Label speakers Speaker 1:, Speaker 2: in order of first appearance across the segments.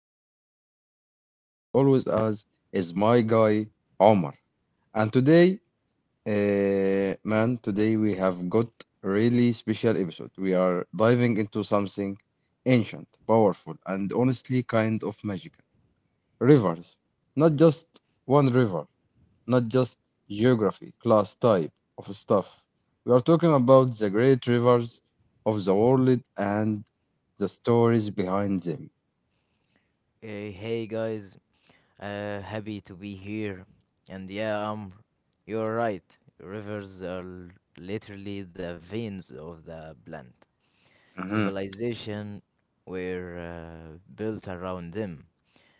Speaker 1: Amr and with me as always as is my guy Omar. And today, man, today we have got really special episode. We are diving into something ancient, powerful and honestly kind of magical. Rivers. Not just one river, not just geography, class, type of stuff. We are talking about the great rivers of the world and the stories behind them.
Speaker 2: Hey guys, happy to be here. And yeah, you're right. Rivers are literally the veins of the plant.
Speaker 1: Hmm.
Speaker 2: Civilization were built around them.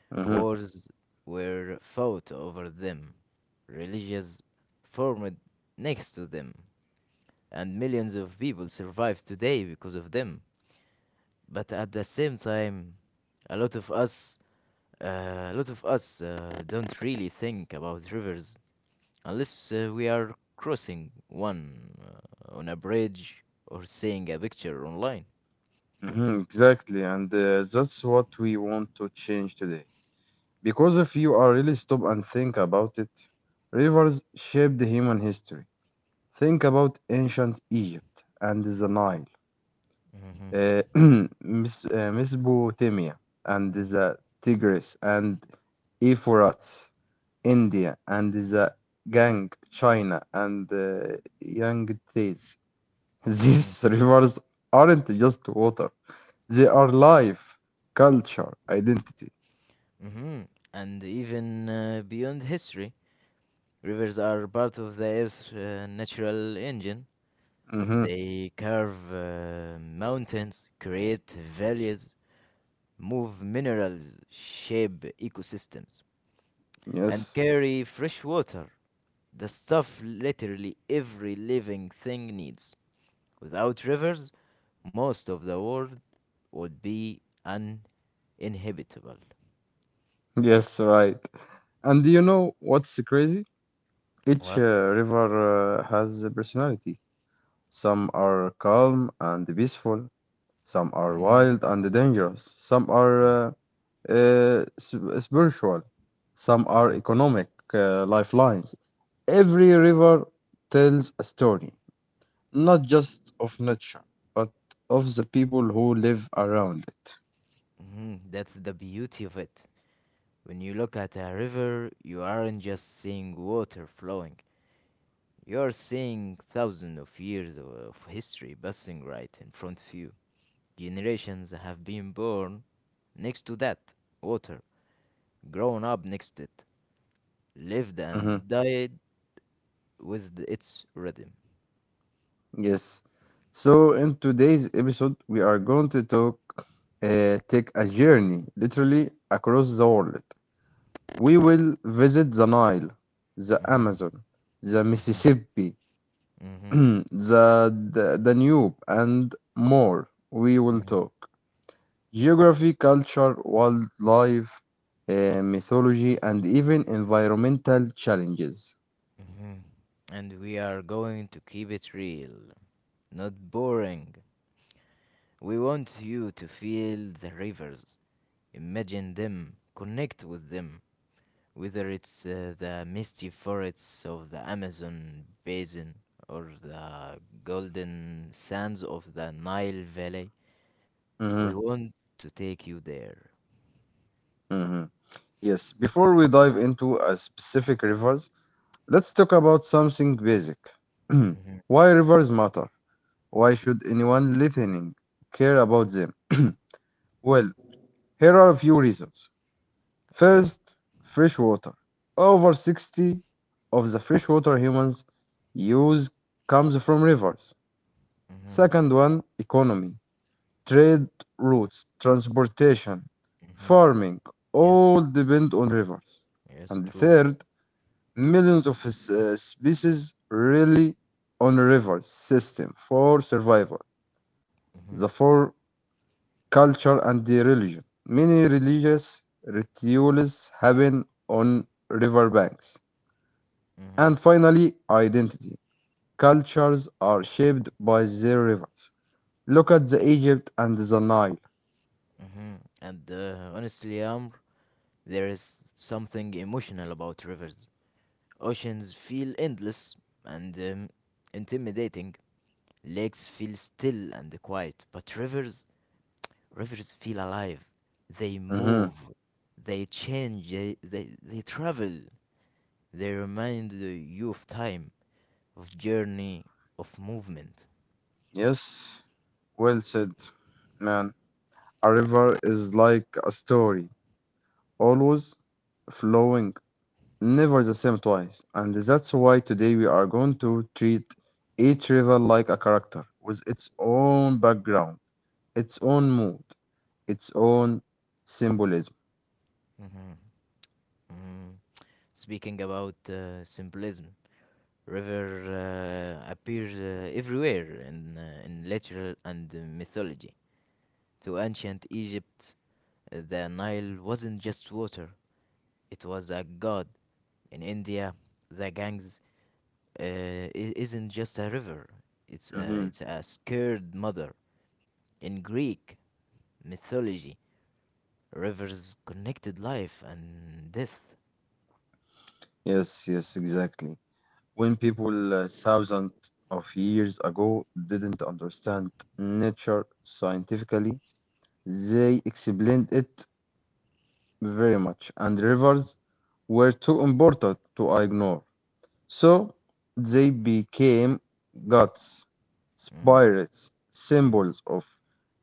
Speaker 1: Hmm.
Speaker 2: Wars were fought over them. Religions formed next to them. And millions of people survive today because of them. But at the same time, a lot of us a lot of us don't really think about rivers unless we are crossing one on a bridge or seeing a picture online.
Speaker 1: Hmm. Exactly, and that's what we want to change today. Because if you are really stop and think about it, rivers shaped human history. Think about ancient Egypt and the Nile.
Speaker 2: Hmm
Speaker 1: uh, Mesopotamia and the Tigris and Euphrates, India and the Gang, China and Yangtze.
Speaker 2: hmm
Speaker 1: These rivers aren't just water; they are life, culture, identity.
Speaker 2: hmm And even beyond history, rivers are part of the Earth's natural engine.
Speaker 1: Hmm.
Speaker 2: They carve mountains, create valleys, move minerals, shape ecosystems, and
Speaker 1: Yes,
Speaker 2: carry fresh water. The stuff literally every living thing needs. Without rivers, most of the world would be uninhabitable.
Speaker 1: yes, right. And do you know what's crazy? Each
Speaker 2: What?
Speaker 1: river has a personality. Some are calm and peaceful. Some are
Speaker 2: Mhm.
Speaker 1: wild and dangerous. Some are
Speaker 2: Yeah.
Speaker 1: spiritual. Some are economic lifelines. Every river tells a story, not just of nature, but of the people who live around it.
Speaker 2: Mhm, that's the beauty of it. When you look at a river, you aren't just seeing water flowing. You're seeing thousands of years of history passing right in front of you. Generations have been born next to that water, grown up next to it, lived and
Speaker 1: Mhm.
Speaker 2: died with its rhythm.
Speaker 1: Yes. So, in today's episode, we are going to take a journey literally across the world. We will visit the Nile, the
Speaker 2: Mhm,
Speaker 1: Amazon, the
Speaker 2: mhm,
Speaker 1: Mississippi,
Speaker 2: mhm,
Speaker 1: the, the Danube, and more. We will
Speaker 2: mhm,
Speaker 1: talk geography, culture, wildlife, mythology, and even environmental challenges.
Speaker 2: mhm. And we are going to keep it real, not boring. We want you to feel the rivers, imagine them, connect with them, whether it's the misty forests of the Amazon basin or the golden sands of the Nile Valley.
Speaker 1: Mhm,
Speaker 2: We want to take you there.
Speaker 1: mhm. Yes, before we dive into a specific rivers, let's talk about something basic.
Speaker 2: Mhm.
Speaker 1: Why rivers matter? Why should anyone listening care about them? Well, here are a few reasons.
Speaker 2: Okay.
Speaker 1: First, fresh water. Over 60 of the fresh water humans use comes from rivers.
Speaker 2: Mm-hmm.
Speaker 1: Second one, economy. Trade routes, transportation,
Speaker 2: Mm-hmm.
Speaker 1: farming, all
Speaker 2: Yes.
Speaker 1: depend on rivers.
Speaker 2: Yes.
Speaker 1: And
Speaker 2: True.
Speaker 1: third, millions of species rely on river system for survival,
Speaker 2: Mhm,
Speaker 1: the for culture and the religion. Many religious rituals happen on river banks. And
Speaker 2: mhm,
Speaker 1: finally, identity. Cultures are shaped by their rivers. Look at the Egypt and the Nile.
Speaker 2: mhm. And honestly, Amr, there is something emotional about rivers. Oceans feel endless and intimidating. Lakes feel still and quiet, but rivers, rivers feel alive. They move,
Speaker 1: Mhm.
Speaker 2: they change, they travel. They remind you of time, of journey, of movement.
Speaker 1: Yes, well said, man. A river is like a story, always flowing, never the same twice. And that's why today we are going to treat each river like a character with its own background, its own mood, its own symbolism.
Speaker 2: Mhm, mhm. Speaking about symbolism, river appears everywhere in literature and mythology. To ancient Egypt, the Nile wasn't just water, it was a god. In India, the Ganges uh, i- isn't just a river, it's a,
Speaker 1: Mhm.
Speaker 2: it's a scared mother. In Greek mythology, rivers connected life and death.
Speaker 1: Yes, yes, exactly. When people thousands of years ago didn't understand nature scientifically, they explained it very much, and rivers were too important to ignore. So they became gods,
Speaker 2: Mm,
Speaker 1: spirits,
Speaker 2: mm,
Speaker 1: symbols of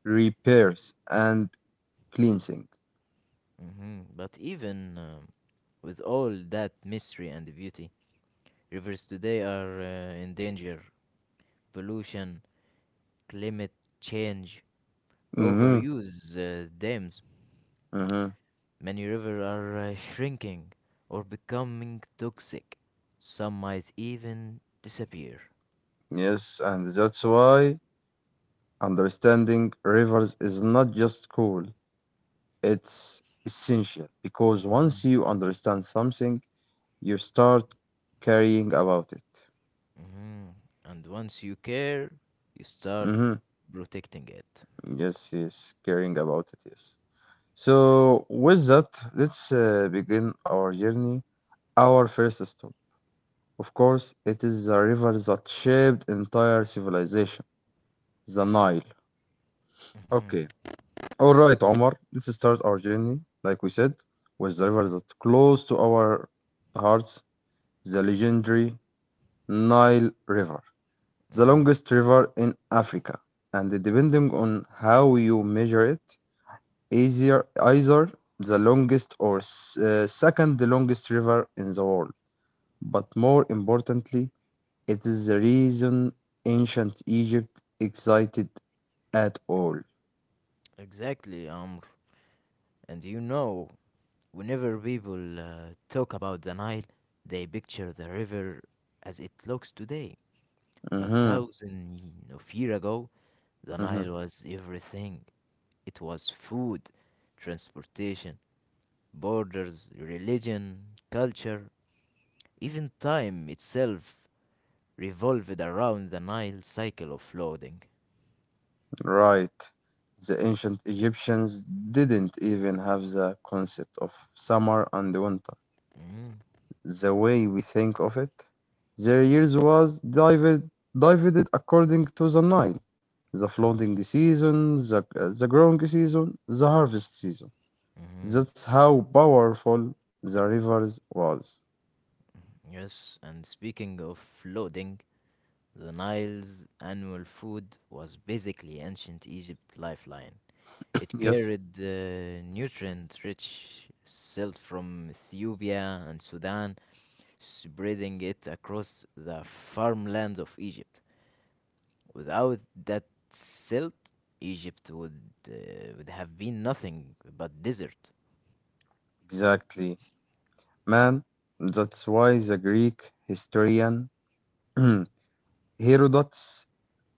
Speaker 1: repairs and cleansing.
Speaker 2: mhm. But even with all that mystery and beauty, rivers today are in danger. Pollution, climate change,
Speaker 1: Mm-hmm,
Speaker 2: overuse, dams.
Speaker 1: mm-hmm.
Speaker 2: Many rivers are shrinking or becoming toxic. Some might even disappear.
Speaker 1: Yes, and that's why understanding rivers is not just cool, it's essential because once
Speaker 2: Mhm,
Speaker 1: you understand something, you start caring about it.
Speaker 2: mhm. And once you care, you start
Speaker 1: Mm-hmm.
Speaker 2: protecting it.
Speaker 1: Yes, yes, caring about it, yes. So, with that, let's begin our journey. Our first stop, of course, it is the river that shaped entire civilization, the Nile.
Speaker 2: Mhm,
Speaker 1: Okay, all right, Omar, let's start our journey, like we said, with the river that's close to our hearts, the legendary Nile River, the
Speaker 2: mhm.
Speaker 1: longest river in Africa, and depending on how you measure it, easier, either the longest or second longest river in the world. But more importantly, it is the reason ancient Egypt existed at all.
Speaker 2: Exactly, Amr. And you know, whenever people talk about the Nile, they picture the river as it looks today. But
Speaker 1: Hmm.
Speaker 2: thousands of years ago, the
Speaker 1: Hmm.
Speaker 2: Nile was everything. It was food, transportation, borders, religion, culture, even time itself revolved around the Nile cycle of flooding.
Speaker 1: Right. The ancient Egyptians didn't even have the concept of summer and winter
Speaker 2: Mm,
Speaker 1: the way we think of it. Their years was divided according to the Nile, the
Speaker 2: mhm,
Speaker 1: flooding season, the growing season, the harvest season.
Speaker 2: mhm.
Speaker 1: That's how powerful the rivers was.
Speaker 2: Yes, and speaking of flooding, the Nile's annual food was basically ancient Egypt lifeline. It
Speaker 1: Yes,
Speaker 2: carried nutrient rich silt from Ethiopia and Sudan, spreading it across the farmlands of Egypt. Without that silt, Egypt uh, would have been nothing but desert.
Speaker 1: exactly. Man, that's why the Greek historian Herodotus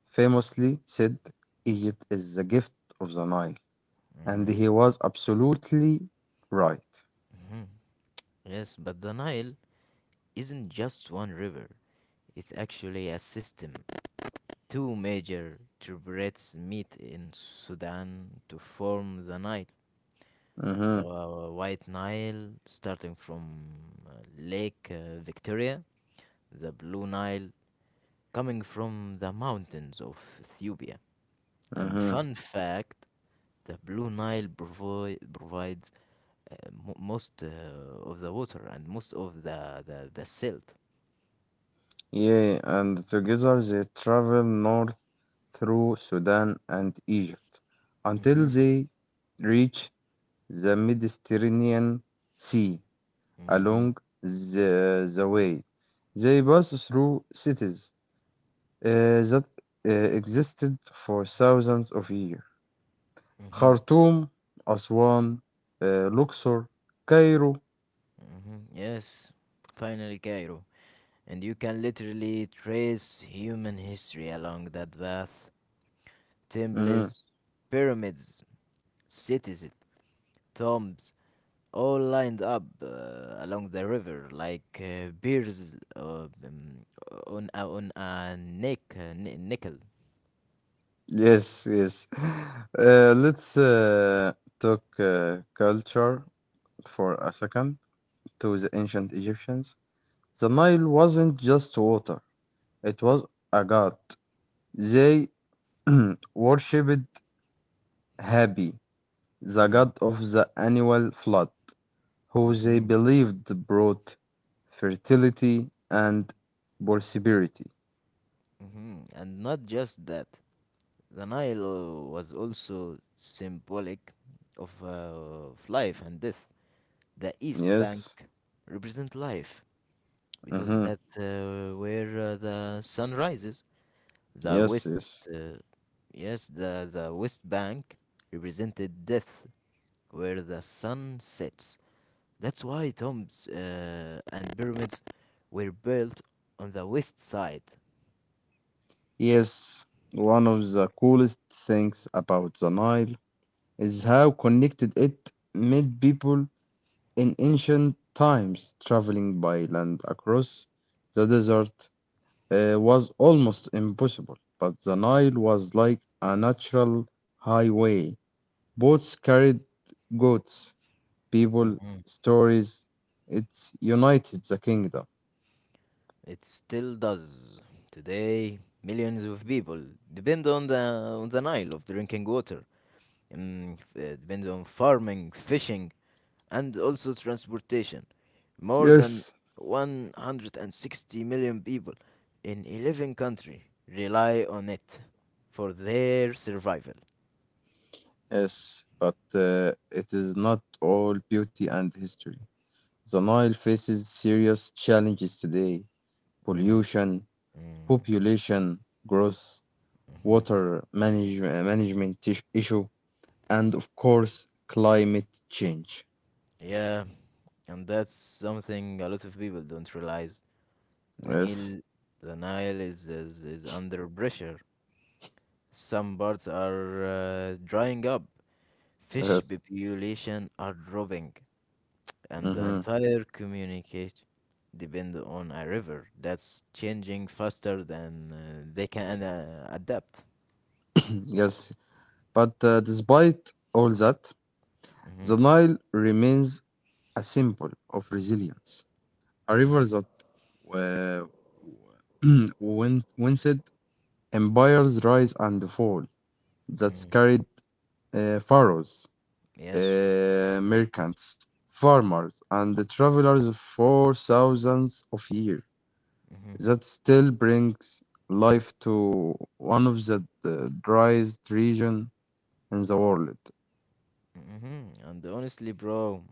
Speaker 1: famously said Egypt is the gift of the Nile. And
Speaker 2: Mm,
Speaker 1: he was absolutely right.
Speaker 2: mhm. Yes, but the Nile isn't just one river. It's actually a system. Two major tributaries meet in Sudan to form the Nile. The
Speaker 1: Mm-hmm,
Speaker 2: White Nile, starting from uh, Lake Victoria, the Blue Nile, coming from the mountains of Ethiopia. And
Speaker 1: mm-hmm.
Speaker 2: fun fact, the Blue Nile provi- provides uh, mo- most uh, of the water and most of the silt.
Speaker 1: Yeah, and together they travel north through Sudan and Egypt until
Speaker 2: Mm-hmm,
Speaker 1: they reach the Mediterranean Sea.
Speaker 2: mm-hmm,
Speaker 1: Along the way, they pass through cities uh, that existed for thousands of years.
Speaker 2: mm-hmm,
Speaker 1: Khartoum, Aswan, Luxor, Cairo.
Speaker 2: mm-hmm. Yes, finally, Cairo. And you can literally trace human history along that path.
Speaker 1: Mhm.
Speaker 2: Temples, pyramids, cities, tombs, all lined up along the river like beers um, on a neck nickel.
Speaker 1: Yes, yes. Let's talk culture for a second to the ancient Egyptians. The Nile wasn't just water, it was a god. They worshipped Hapi, the
Speaker 2: Mm.
Speaker 1: god of the annual flood, who they
Speaker 2: hmm
Speaker 1: believed brought fertility and prosperity.
Speaker 2: hmm And not just that, the Nile was also symbolic of life and death. The East Bank
Speaker 1: Yes,
Speaker 2: represent life because
Speaker 1: mhm,
Speaker 2: that where the sun rises. The
Speaker 1: yes,
Speaker 2: West,
Speaker 1: yes,
Speaker 2: uh, yes, the West Bank represented death, where the sun sets. That's why tombs and pyramids were built on the west side.
Speaker 1: yes. One of the coolest things about the Nile is how connected it made people in ancient times. Traveling by land across the desert was almost impossible, but the Nile was like a natural highway. Boats carried goods, people,
Speaker 2: Mhm.
Speaker 1: stories. It's united the kingdom.
Speaker 2: It still does. Today, millions of people depend on the Nile of drinking water, depend on farming, fishing, and also transportation. More than
Speaker 1: Yes.
Speaker 2: 160 million people in 11 countries rely on it for their survival.
Speaker 1: Yes, but it is not all beauty and history. The Nile faces serious challenges today:
Speaker 2: Mm,
Speaker 1: pollution,
Speaker 2: mm,
Speaker 1: population growth,
Speaker 2: mhm.
Speaker 1: water management issue, and of course, climate change.
Speaker 2: Yeah, and that's something a lot of people don't realize. The
Speaker 1: Yes,
Speaker 2: Nile, the Nile is under pressure. Some parts are drying up. Fish
Speaker 1: yes.
Speaker 2: population are dropping. And the
Speaker 1: Hmm.
Speaker 2: entire communicate depend on a river that's changing faster than they can adapt.
Speaker 1: Yes. But despite all that, the
Speaker 2: Hmm
Speaker 1: Nile remains a symbol of resilience, a river
Speaker 2: hmm
Speaker 1: that uh, winced empires rise and fall, that
Speaker 2: hmm
Speaker 1: carried pharaohs,
Speaker 2: Yes.
Speaker 1: merchants, farmers, and the travelers for thousands of years,
Speaker 2: hmm
Speaker 1: that still brings life to one of the driest regions in the world.
Speaker 2: hmm And honestly, bro,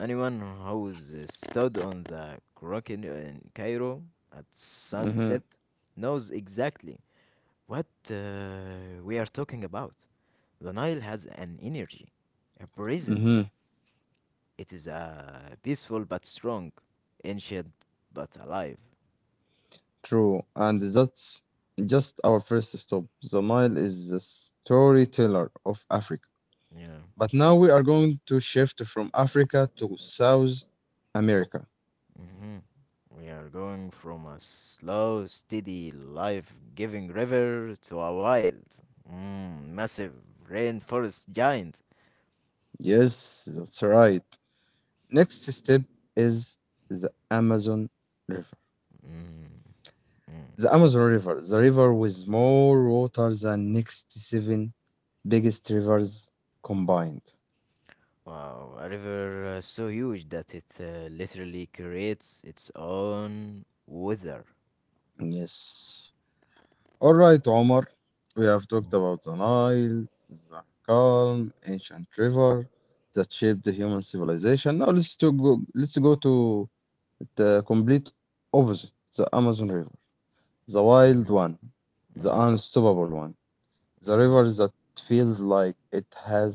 Speaker 2: anyone who's stood on the rock in Cairo at sunset
Speaker 1: Mhm,
Speaker 2: knows exactly what we are talking about. The Nile has an energy, a presence.
Speaker 1: mhm.
Speaker 2: It is peaceful but strong, ancient but alive.
Speaker 1: True, and that's just our first stop. The Nile is the storyteller of Africa.
Speaker 2: Yeah.
Speaker 1: But now we are going to shift from Africa to South America.
Speaker 2: hmm We are going from a slow, steady, life giving river to a wild, mm, massive rainforest giant.
Speaker 1: Yes, that's right. Next step is the Amazon River.
Speaker 2: Mm, mm.
Speaker 1: The Amazon River, the river with more water than next seven biggest rivers combined.
Speaker 2: Wow, a river so huge that it literally creates its own weather.
Speaker 1: Yes. All right, Omar, we have talked
Speaker 2: Mm,
Speaker 1: about the Nile, the calm ancient river that shaped the human civilization. Now let's go to the complete opposite, the Amazon River, the wild
Speaker 2: mhm,
Speaker 1: one, the
Speaker 2: mm,
Speaker 1: unstoppable one, the
Speaker 2: mhm.
Speaker 1: river that feels like it has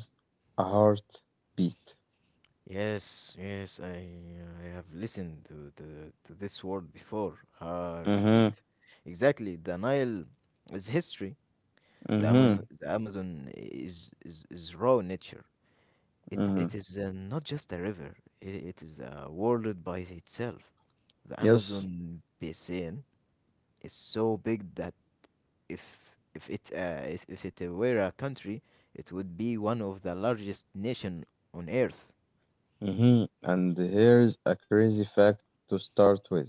Speaker 1: a heartbeat.
Speaker 2: Yes, yes, I have listened to this word before,
Speaker 1: Mhm,
Speaker 2: heartbeat. Exactly, the Nile is history. The Amazon,
Speaker 1: mhm,
Speaker 2: the Amazon is raw nature. It it
Speaker 1: mhm.
Speaker 2: is uh, not just a river. It is a world by itself. The
Speaker 1: Yes,
Speaker 2: Amazon basin is so big that if it were a country, it would be one of the largest nation on earth.
Speaker 1: mhm. And here's a crazy fact to start with.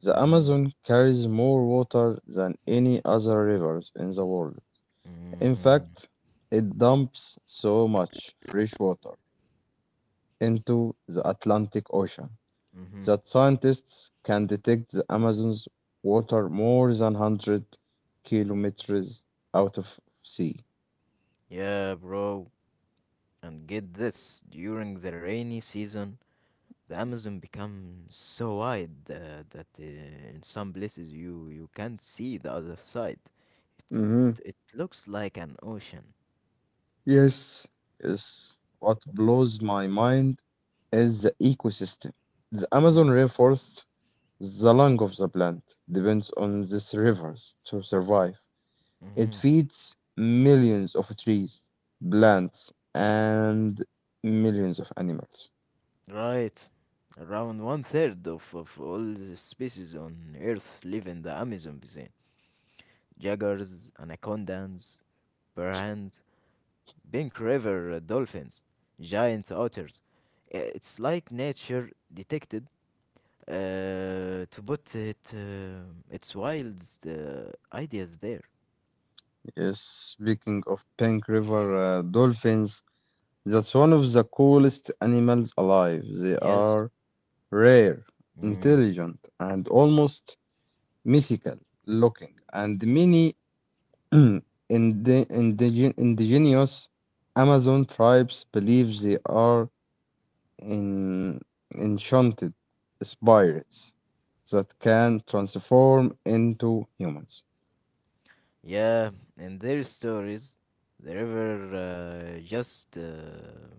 Speaker 1: The
Speaker 2: Hmm
Speaker 1: Amazon carries more water than any other rivers in the world. In
Speaker 2: hmm
Speaker 1: fact, it dumps so much fresh water into the Atlantic Ocean
Speaker 2: hmm
Speaker 1: that scientists can detect the Amazon's water more than 100 kilometers out of sea.
Speaker 2: Yeah, bro. And get this, during the rainy season, the Amazon becomes so wide that in some places you can't see the other side. It,
Speaker 1: Hmm.
Speaker 2: it looks like an ocean.
Speaker 1: Yes. Yes, what blows my mind is the ecosystem. The Amazon
Speaker 2: Hmm
Speaker 1: rainforest, the lung of the plant, depends on these rivers to survive. It
Speaker 2: hmm
Speaker 1: feeds millions of trees, plants, and millions of animals.
Speaker 2: Right. Around one third of all the species on Earth live in the Amazon basin. Jaguars, anacondas, piranhas, Pink River dolphins, giant otters. It's like nature detected to put it, its wild ideas there.
Speaker 1: Yes, speaking of pink river dolphins, that's one of the coolest animals alive. They
Speaker 2: Yes.
Speaker 1: are rare,
Speaker 2: Mm,
Speaker 1: intelligent, and almost mythical looking, and many indi- indigenous Amazon tribes believe they are en- enchanted spirits that can transform into humans.
Speaker 2: yeah, in their stories, the river uh, just uh,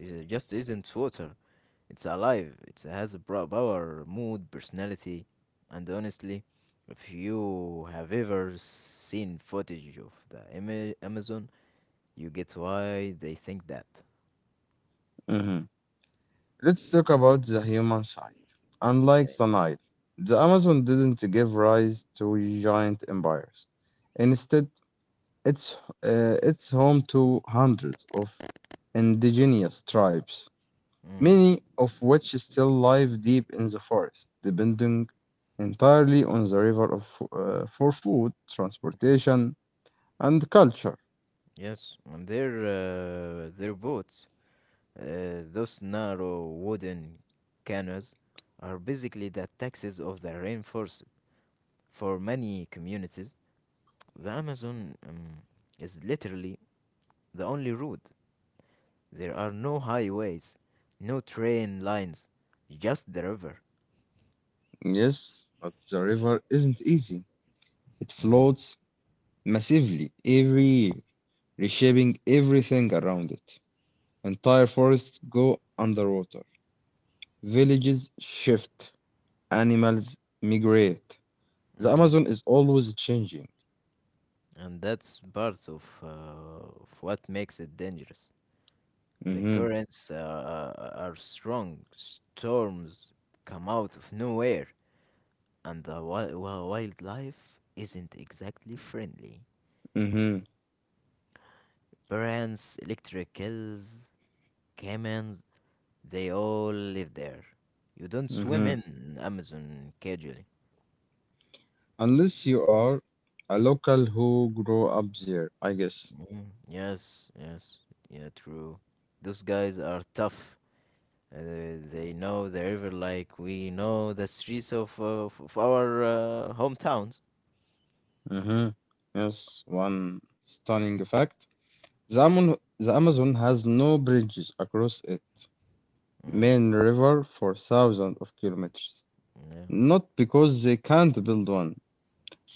Speaker 2: is, uh, just isn't water. It's alive. It has a power, mood, personality, and honestly, if you have ever seen footage of the Amazon, you get why they think that.
Speaker 1: Mhm. Let's talk about the human side. Unlike
Speaker 2: Okay.
Speaker 1: the Nile, the Amazon didn't give rise to giant empires. Instead, it's, it's home to hundreds of indigenous tribes,
Speaker 2: Mm.
Speaker 1: many of which still live deep in the forest, depending entirely on the river for food,
Speaker 2: Mm.
Speaker 1: transportation, and culture.
Speaker 2: Yes, and their boats, those narrow wooden canoes, are basically the taxes of the rainforest. For many communities, the Amazon is literally the only road. There are no highways, no train lines, just the river.
Speaker 1: Yes, but the river isn't easy. It
Speaker 2: Mm.
Speaker 1: floats massively every year, reshaping everything around it. Entire forests go underwater, villages shift, animals migrate. The
Speaker 2: hmm
Speaker 1: Amazon is always changing.
Speaker 2: And that's part of what makes it dangerous. The
Speaker 1: Mhm,
Speaker 2: currents are strong, storms come out of nowhere, and the wildlife isn't exactly friendly.
Speaker 1: mhm,
Speaker 2: Piranhas, electricals, caimans, they all live there. You don't swim
Speaker 1: mhm.
Speaker 2: in Amazon casually.
Speaker 1: Unless you are a local who grew up there, I guess.
Speaker 2: Mm, yes, yes, yeah, true. Those guys are tough. They know the river like we know the streets of our hometowns.
Speaker 1: Mhm. Yes, one stunning fact. The Amazon has no bridges across its
Speaker 2: Mm,
Speaker 1: main river for thousands of kilometers.
Speaker 2: yeah.
Speaker 1: Not because they can't build one,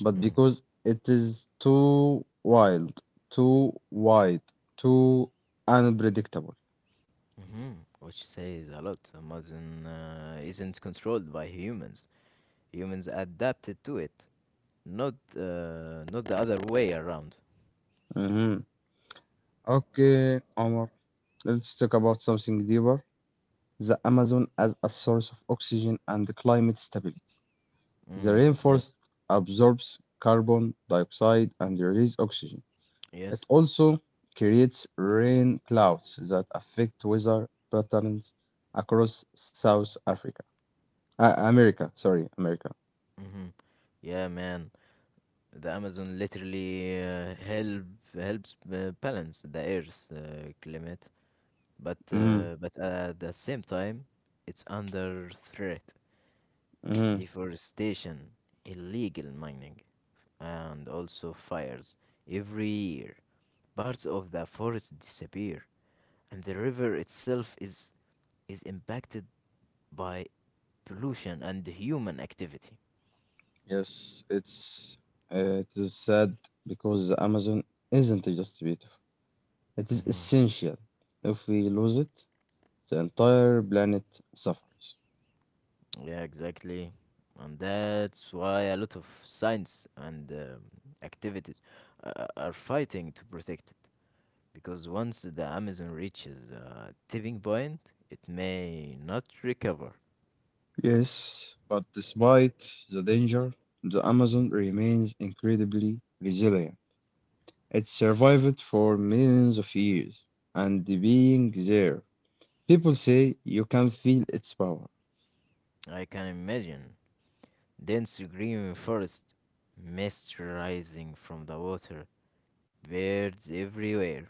Speaker 1: but
Speaker 2: Mhm.
Speaker 1: because it is too wild, too wide, too unpredictable.
Speaker 2: Mhm. Which says a lot. Amazon isn't controlled by humans. Humans adapted to it, not not the other way around.
Speaker 1: Mhm. Okay, Omar, let's talk about something deeper. The Amazon as a source of oxygen and climate stability. The
Speaker 2: Mm. Yes.
Speaker 1: rainforest absorbs carbon dioxide and releases oxygen.
Speaker 2: Yes.
Speaker 1: It also creates rain clouds that affect weather patterns across South Africa. America, sorry, America.
Speaker 2: Mhm. Yeah, man. The Amazon literally helps balance the Earth's climate,
Speaker 1: Mhm,
Speaker 2: but at the same time, it's under threat.
Speaker 1: mhm.
Speaker 2: Deforestation, illegal mining, and also fires every year. Parts of the forest disappear, and the river itself is impacted by pollution and human activity.
Speaker 1: Yes, it is sad because the Amazon isn't just beautiful. It is
Speaker 2: Hmm
Speaker 1: essential. If we lose it, the entire planet suffers.
Speaker 2: Yeah, exactly. And that's why a lot of science and activities are fighting to protect it. Because once the Amazon reaches a tipping point, it may not recover.
Speaker 1: Yes, but despite the danger, the Amazon remains incredibly resilient. It survived for millions of years, and being there, people say you can feel its power.
Speaker 2: I can imagine dense green forest, mist rising from the water, birds everywhere,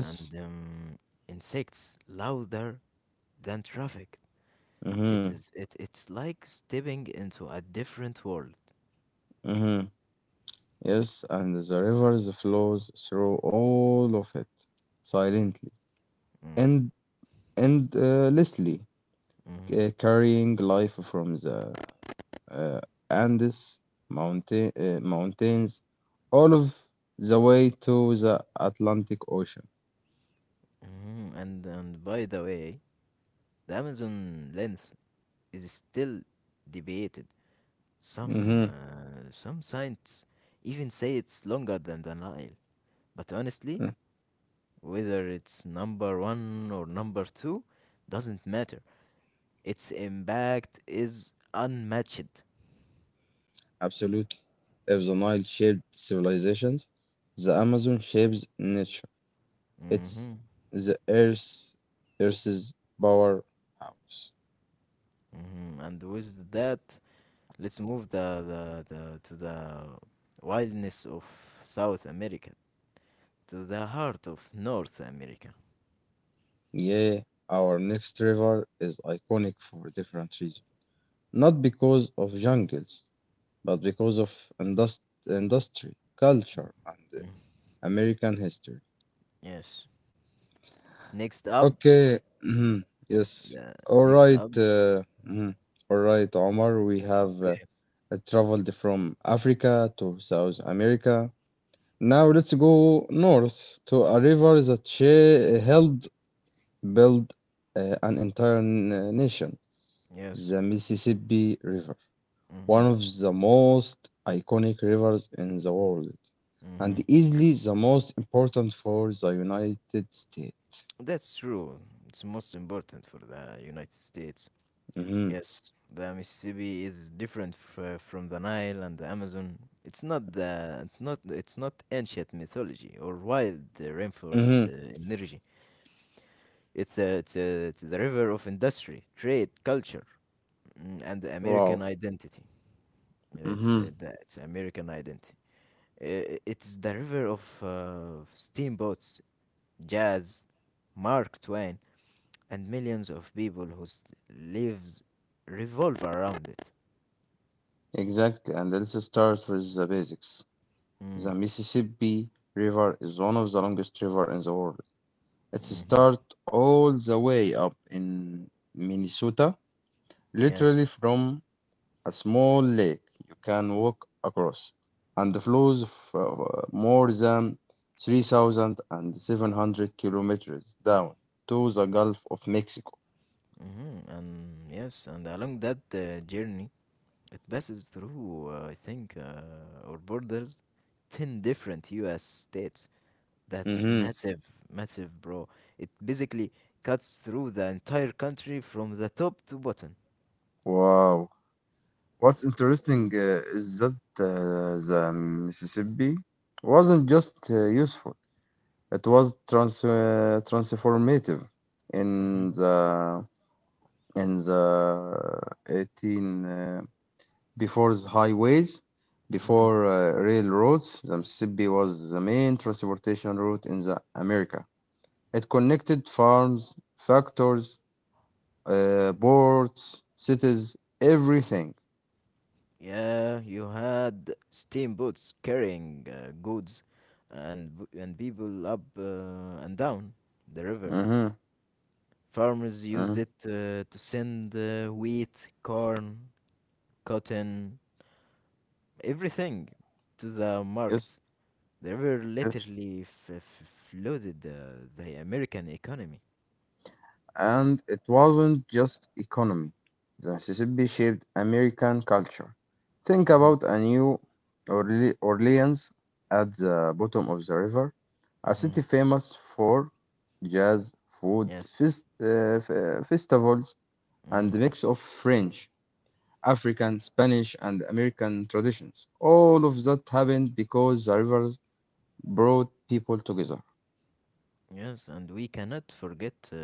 Speaker 2: and insects louder than traffic. It
Speaker 1: mm-hmm,
Speaker 2: is it, it's like stepping into a different world.
Speaker 1: mm-hmm, yes, and the rivers flows through all of it, silently
Speaker 2: Mm,
Speaker 1: and and endlessly,
Speaker 2: mhm,
Speaker 1: carrying life from the uh, Andes mountains all of the way to the Atlantic Ocean.
Speaker 2: mhm. And by the way, the Amazon lens is still debated.
Speaker 1: Mm-hmm.
Speaker 2: Some scientists even say it's longer than the Nile. But honestly, whether it's number one or number two doesn't matter. Its impact is unmatched.
Speaker 1: Absolutely. If the Nile shaped civilizations, the Amazon shapes nature. It's
Speaker 2: Mm-hmm.
Speaker 1: the Earth, Earth's powerhouse.
Speaker 2: Mm-hmm. And with that, let's move the to the wildness of South America, to the heart of North America.
Speaker 1: Yeah, our next river is iconic for different reasons. Not because of jungles, but because of indust- industry, culture, and
Speaker 2: Mm.
Speaker 1: American history.
Speaker 2: Yes. Next up,
Speaker 1: Okay. Mhm. Yes.
Speaker 2: the
Speaker 1: All
Speaker 2: next
Speaker 1: right.
Speaker 2: up.
Speaker 1: Mhm. All right, Omar. We have
Speaker 2: Okay.
Speaker 1: traveled from Africa to South America. Now let's go north to a river that she helped build an entire nation,
Speaker 2: Yes.
Speaker 1: the Mississippi River,
Speaker 2: Mm-hmm.
Speaker 1: one of the most iconic rivers in the world, and
Speaker 2: Mm-hmm.
Speaker 1: easily the most important for the United States.
Speaker 2: That's true. It's most important for the United States.
Speaker 1: Hmm.
Speaker 2: Yes, the Mississippi is different from the Nile and the Amazon. It's not the not ancient mythology or wild rainforest
Speaker 1: Hmm.
Speaker 2: energy. It's the river of industry, trade, culture, mm, and the American
Speaker 1: Wow.
Speaker 2: identity. It's
Speaker 1: Mm-hmm.
Speaker 2: it's American identity. It's the river of steamboats, jazz, Mark Twain, and millions of people whose lives revolve around it.
Speaker 1: Exactly. And let's start with the basics.
Speaker 2: Mm,
Speaker 1: The Mississippi River is one of the longest river in the world. It
Speaker 2: Mm-hmm.
Speaker 1: starts all the way up in Minnesota,
Speaker 2: Yes.
Speaker 1: literally from a small lake you can walk across, and flows more than 3,700 kilometers down to the Gulf of Mexico.
Speaker 2: Mm-hmm. And yes, and along that journey, it passes through, I think, or borders 10 different US states. That's
Speaker 1: Mm-hmm.
Speaker 2: massive, massive, bro. It basically cuts through the entire country from the top to bottom.
Speaker 1: Wow. What's interesting is that the Mississippi wasn't just useful; it was transformative.
Speaker 2: Mm-hmm.
Speaker 1: In the in the 18, before the highways,
Speaker 2: Mm-hmm.
Speaker 1: before railroads, the Mississippi was the main transportation route in the America. It connected farms, factories, ports, cities, everything.
Speaker 2: Yeah, you had steamboats carrying goods and and people up and down the river.
Speaker 1: Hmm.
Speaker 2: Farmers
Speaker 1: Hmm.
Speaker 2: used it to send wheat, corn, cotton, everything to the
Speaker 1: Yes,
Speaker 2: markets. They were
Speaker 1: yes.
Speaker 2: literally flooded the American economy.
Speaker 1: And it wasn't just economy. The Mississippi shaped American culture. Think
Speaker 2: Hmm
Speaker 1: about a New Orleans at the bottom of the river, a
Speaker 2: hmm
Speaker 1: city famous for jazz, food,
Speaker 2: Yes.
Speaker 1: festivals, and
Speaker 2: hmm
Speaker 1: the mix of French, African, Spanish, and American traditions. All of that happened because the rivers brought people together.
Speaker 2: Yes, and we cannot forget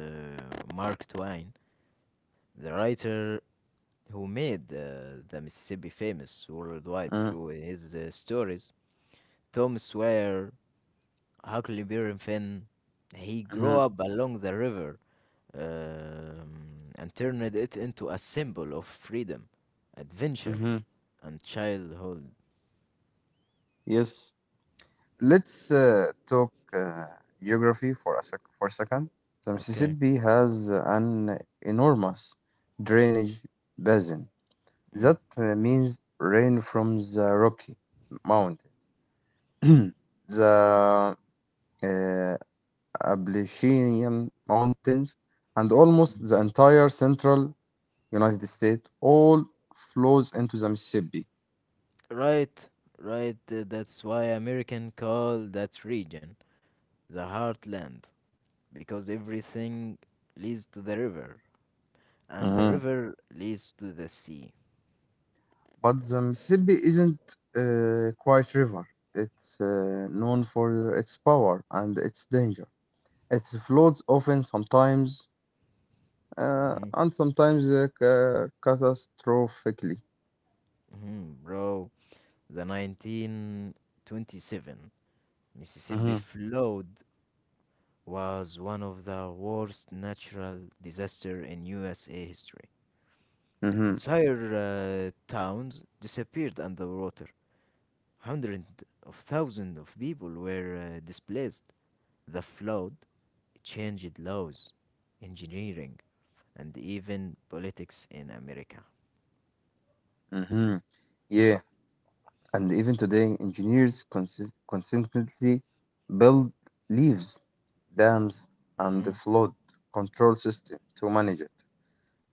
Speaker 2: Mark Twain, the writer who made the Mississippi famous worldwide through his stories. Tom Sawyer, Huckleberry Finn, he grew
Speaker 1: Mm-hmm.
Speaker 2: up along the river and turned it into a symbol of freedom, adventure,
Speaker 1: Hmm.
Speaker 2: and childhood.
Speaker 1: Yes, let's talk geography for a second. The
Speaker 2: Okay.
Speaker 1: Mississippi has an enormous drainage basin.
Speaker 2: Mm.
Speaker 1: That means rain from the Rocky Mountains, the uh, Appalachian Mountains, and almost
Speaker 2: Mm.
Speaker 1: the entire central United States all flows into the Mississippi.
Speaker 2: Right, right. That's why American call that region the heartland, because everything leads to the river, and the river leads to the sea.
Speaker 1: But the Mississippi isn't a quiet river. It's known for its power and its danger. It floods often, sometimes,
Speaker 2: Hmm
Speaker 1: and sometimes catastrophically.
Speaker 2: hmm Bro, the 1927 Mississippi
Speaker 1: Mhm,
Speaker 2: flowed was one of the worst natural disasters in USA history.
Speaker 1: mhm,
Speaker 2: Entire towns disappeared underwater. Hundreds of thousands of people were displaced. The flood changed laws, engineering, and even politics in America.
Speaker 1: mhm. Yeah, and even today, engineers consistently build levees, dams, and the
Speaker 2: Mhm.
Speaker 1: flood control system to manage it.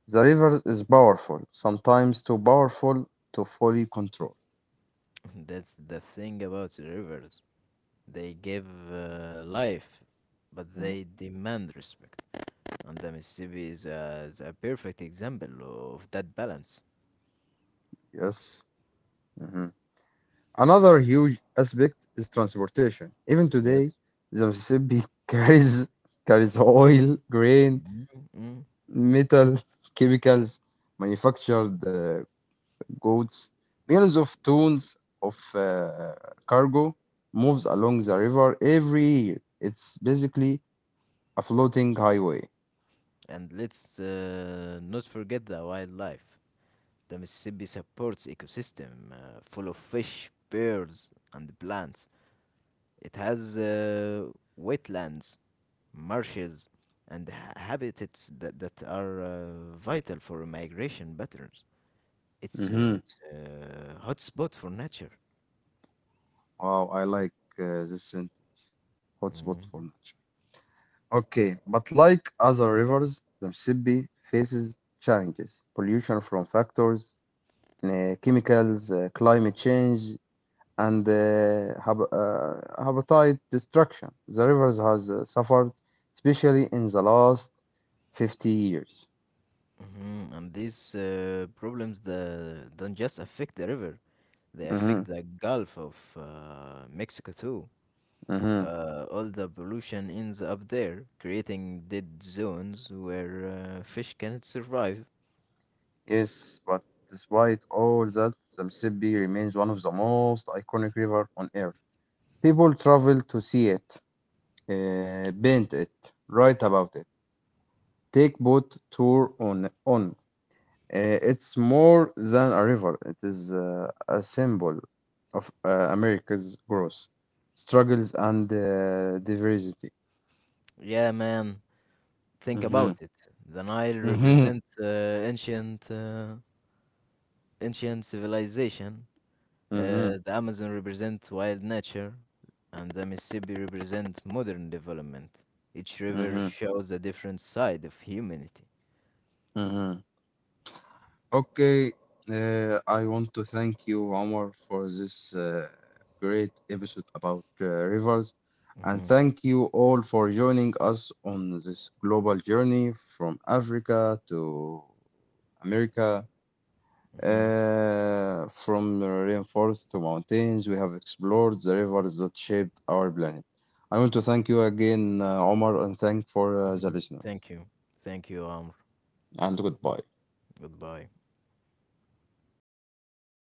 Speaker 1: The river is powerful, sometimes too powerful to fully control.
Speaker 2: That's the thing about rivers. They give life, but
Speaker 1: Mm.
Speaker 2: they demand respect. And the Mississippi is a perfect example of that balance.
Speaker 1: Yes. Mhm. Another huge aspect is transportation. Even
Speaker 2: Yes.
Speaker 1: today, the Mississippi carries oil, grain,
Speaker 2: Mhm, mhm.
Speaker 1: metal, chemicals, manufactured goods. Millions of tons of cargo moves along the river every year. It's basically a floating highway.
Speaker 2: And let's not forget the wildlife. The Mississippi supports ecosystem full of fish, birds, and plants. It has wetlands, marshes, and habitats that are vital for migration patterns.
Speaker 1: Hmm.
Speaker 2: It's a hotspot for nature.
Speaker 1: Wow, I like this sentence. Hotspot
Speaker 2: Mm-hmm.
Speaker 1: for nature. Okay, but like other rivers, the Mississippi faces challenges, pollution from factors, chemicals, climate change, and habitat destruction. The rivers has suffered, especially in the last 50 years.
Speaker 2: Mhm, and these problems don't just affect the river, they
Speaker 1: Hmm.
Speaker 2: affect the Gulf of Mexico too.
Speaker 1: Hmm.
Speaker 2: All the pollution ends up there, creating dead zones where fish cannot survive.
Speaker 1: Yes, but despite all that, the Mississippi remains one of the most iconic river on Earth. People travel to see it, paint it, write about it, take boat tour on. It's more than a river. It is a symbol of America's growth, struggles, and diversity.
Speaker 2: Yeah, man, think
Speaker 1: Mm-hmm.
Speaker 2: about it. The Nile
Speaker 1: Mm-hmm.
Speaker 2: represents ancient civilization.
Speaker 1: Mm-hmm.
Speaker 2: The Amazon represents wild nature, and the Mississippi represents modern development. Each river
Speaker 1: Mm-hmm.
Speaker 2: shows a different side of humanity.
Speaker 1: Mm-hmm. Okay, I want to thank you, Omar, for this great episode about rivers, and
Speaker 2: Hmm
Speaker 1: thank you all for joining us on this global journey from Africa to America.
Speaker 2: hmm
Speaker 1: From rainforests to mountains, we have explored the rivers that shaped our planet. I want to thank you again, Omar, and thank for
Speaker 2: hmm
Speaker 1: the listeners.
Speaker 2: Thank you. Thank you, Amr.
Speaker 1: And goodbye.
Speaker 2: Goodbye.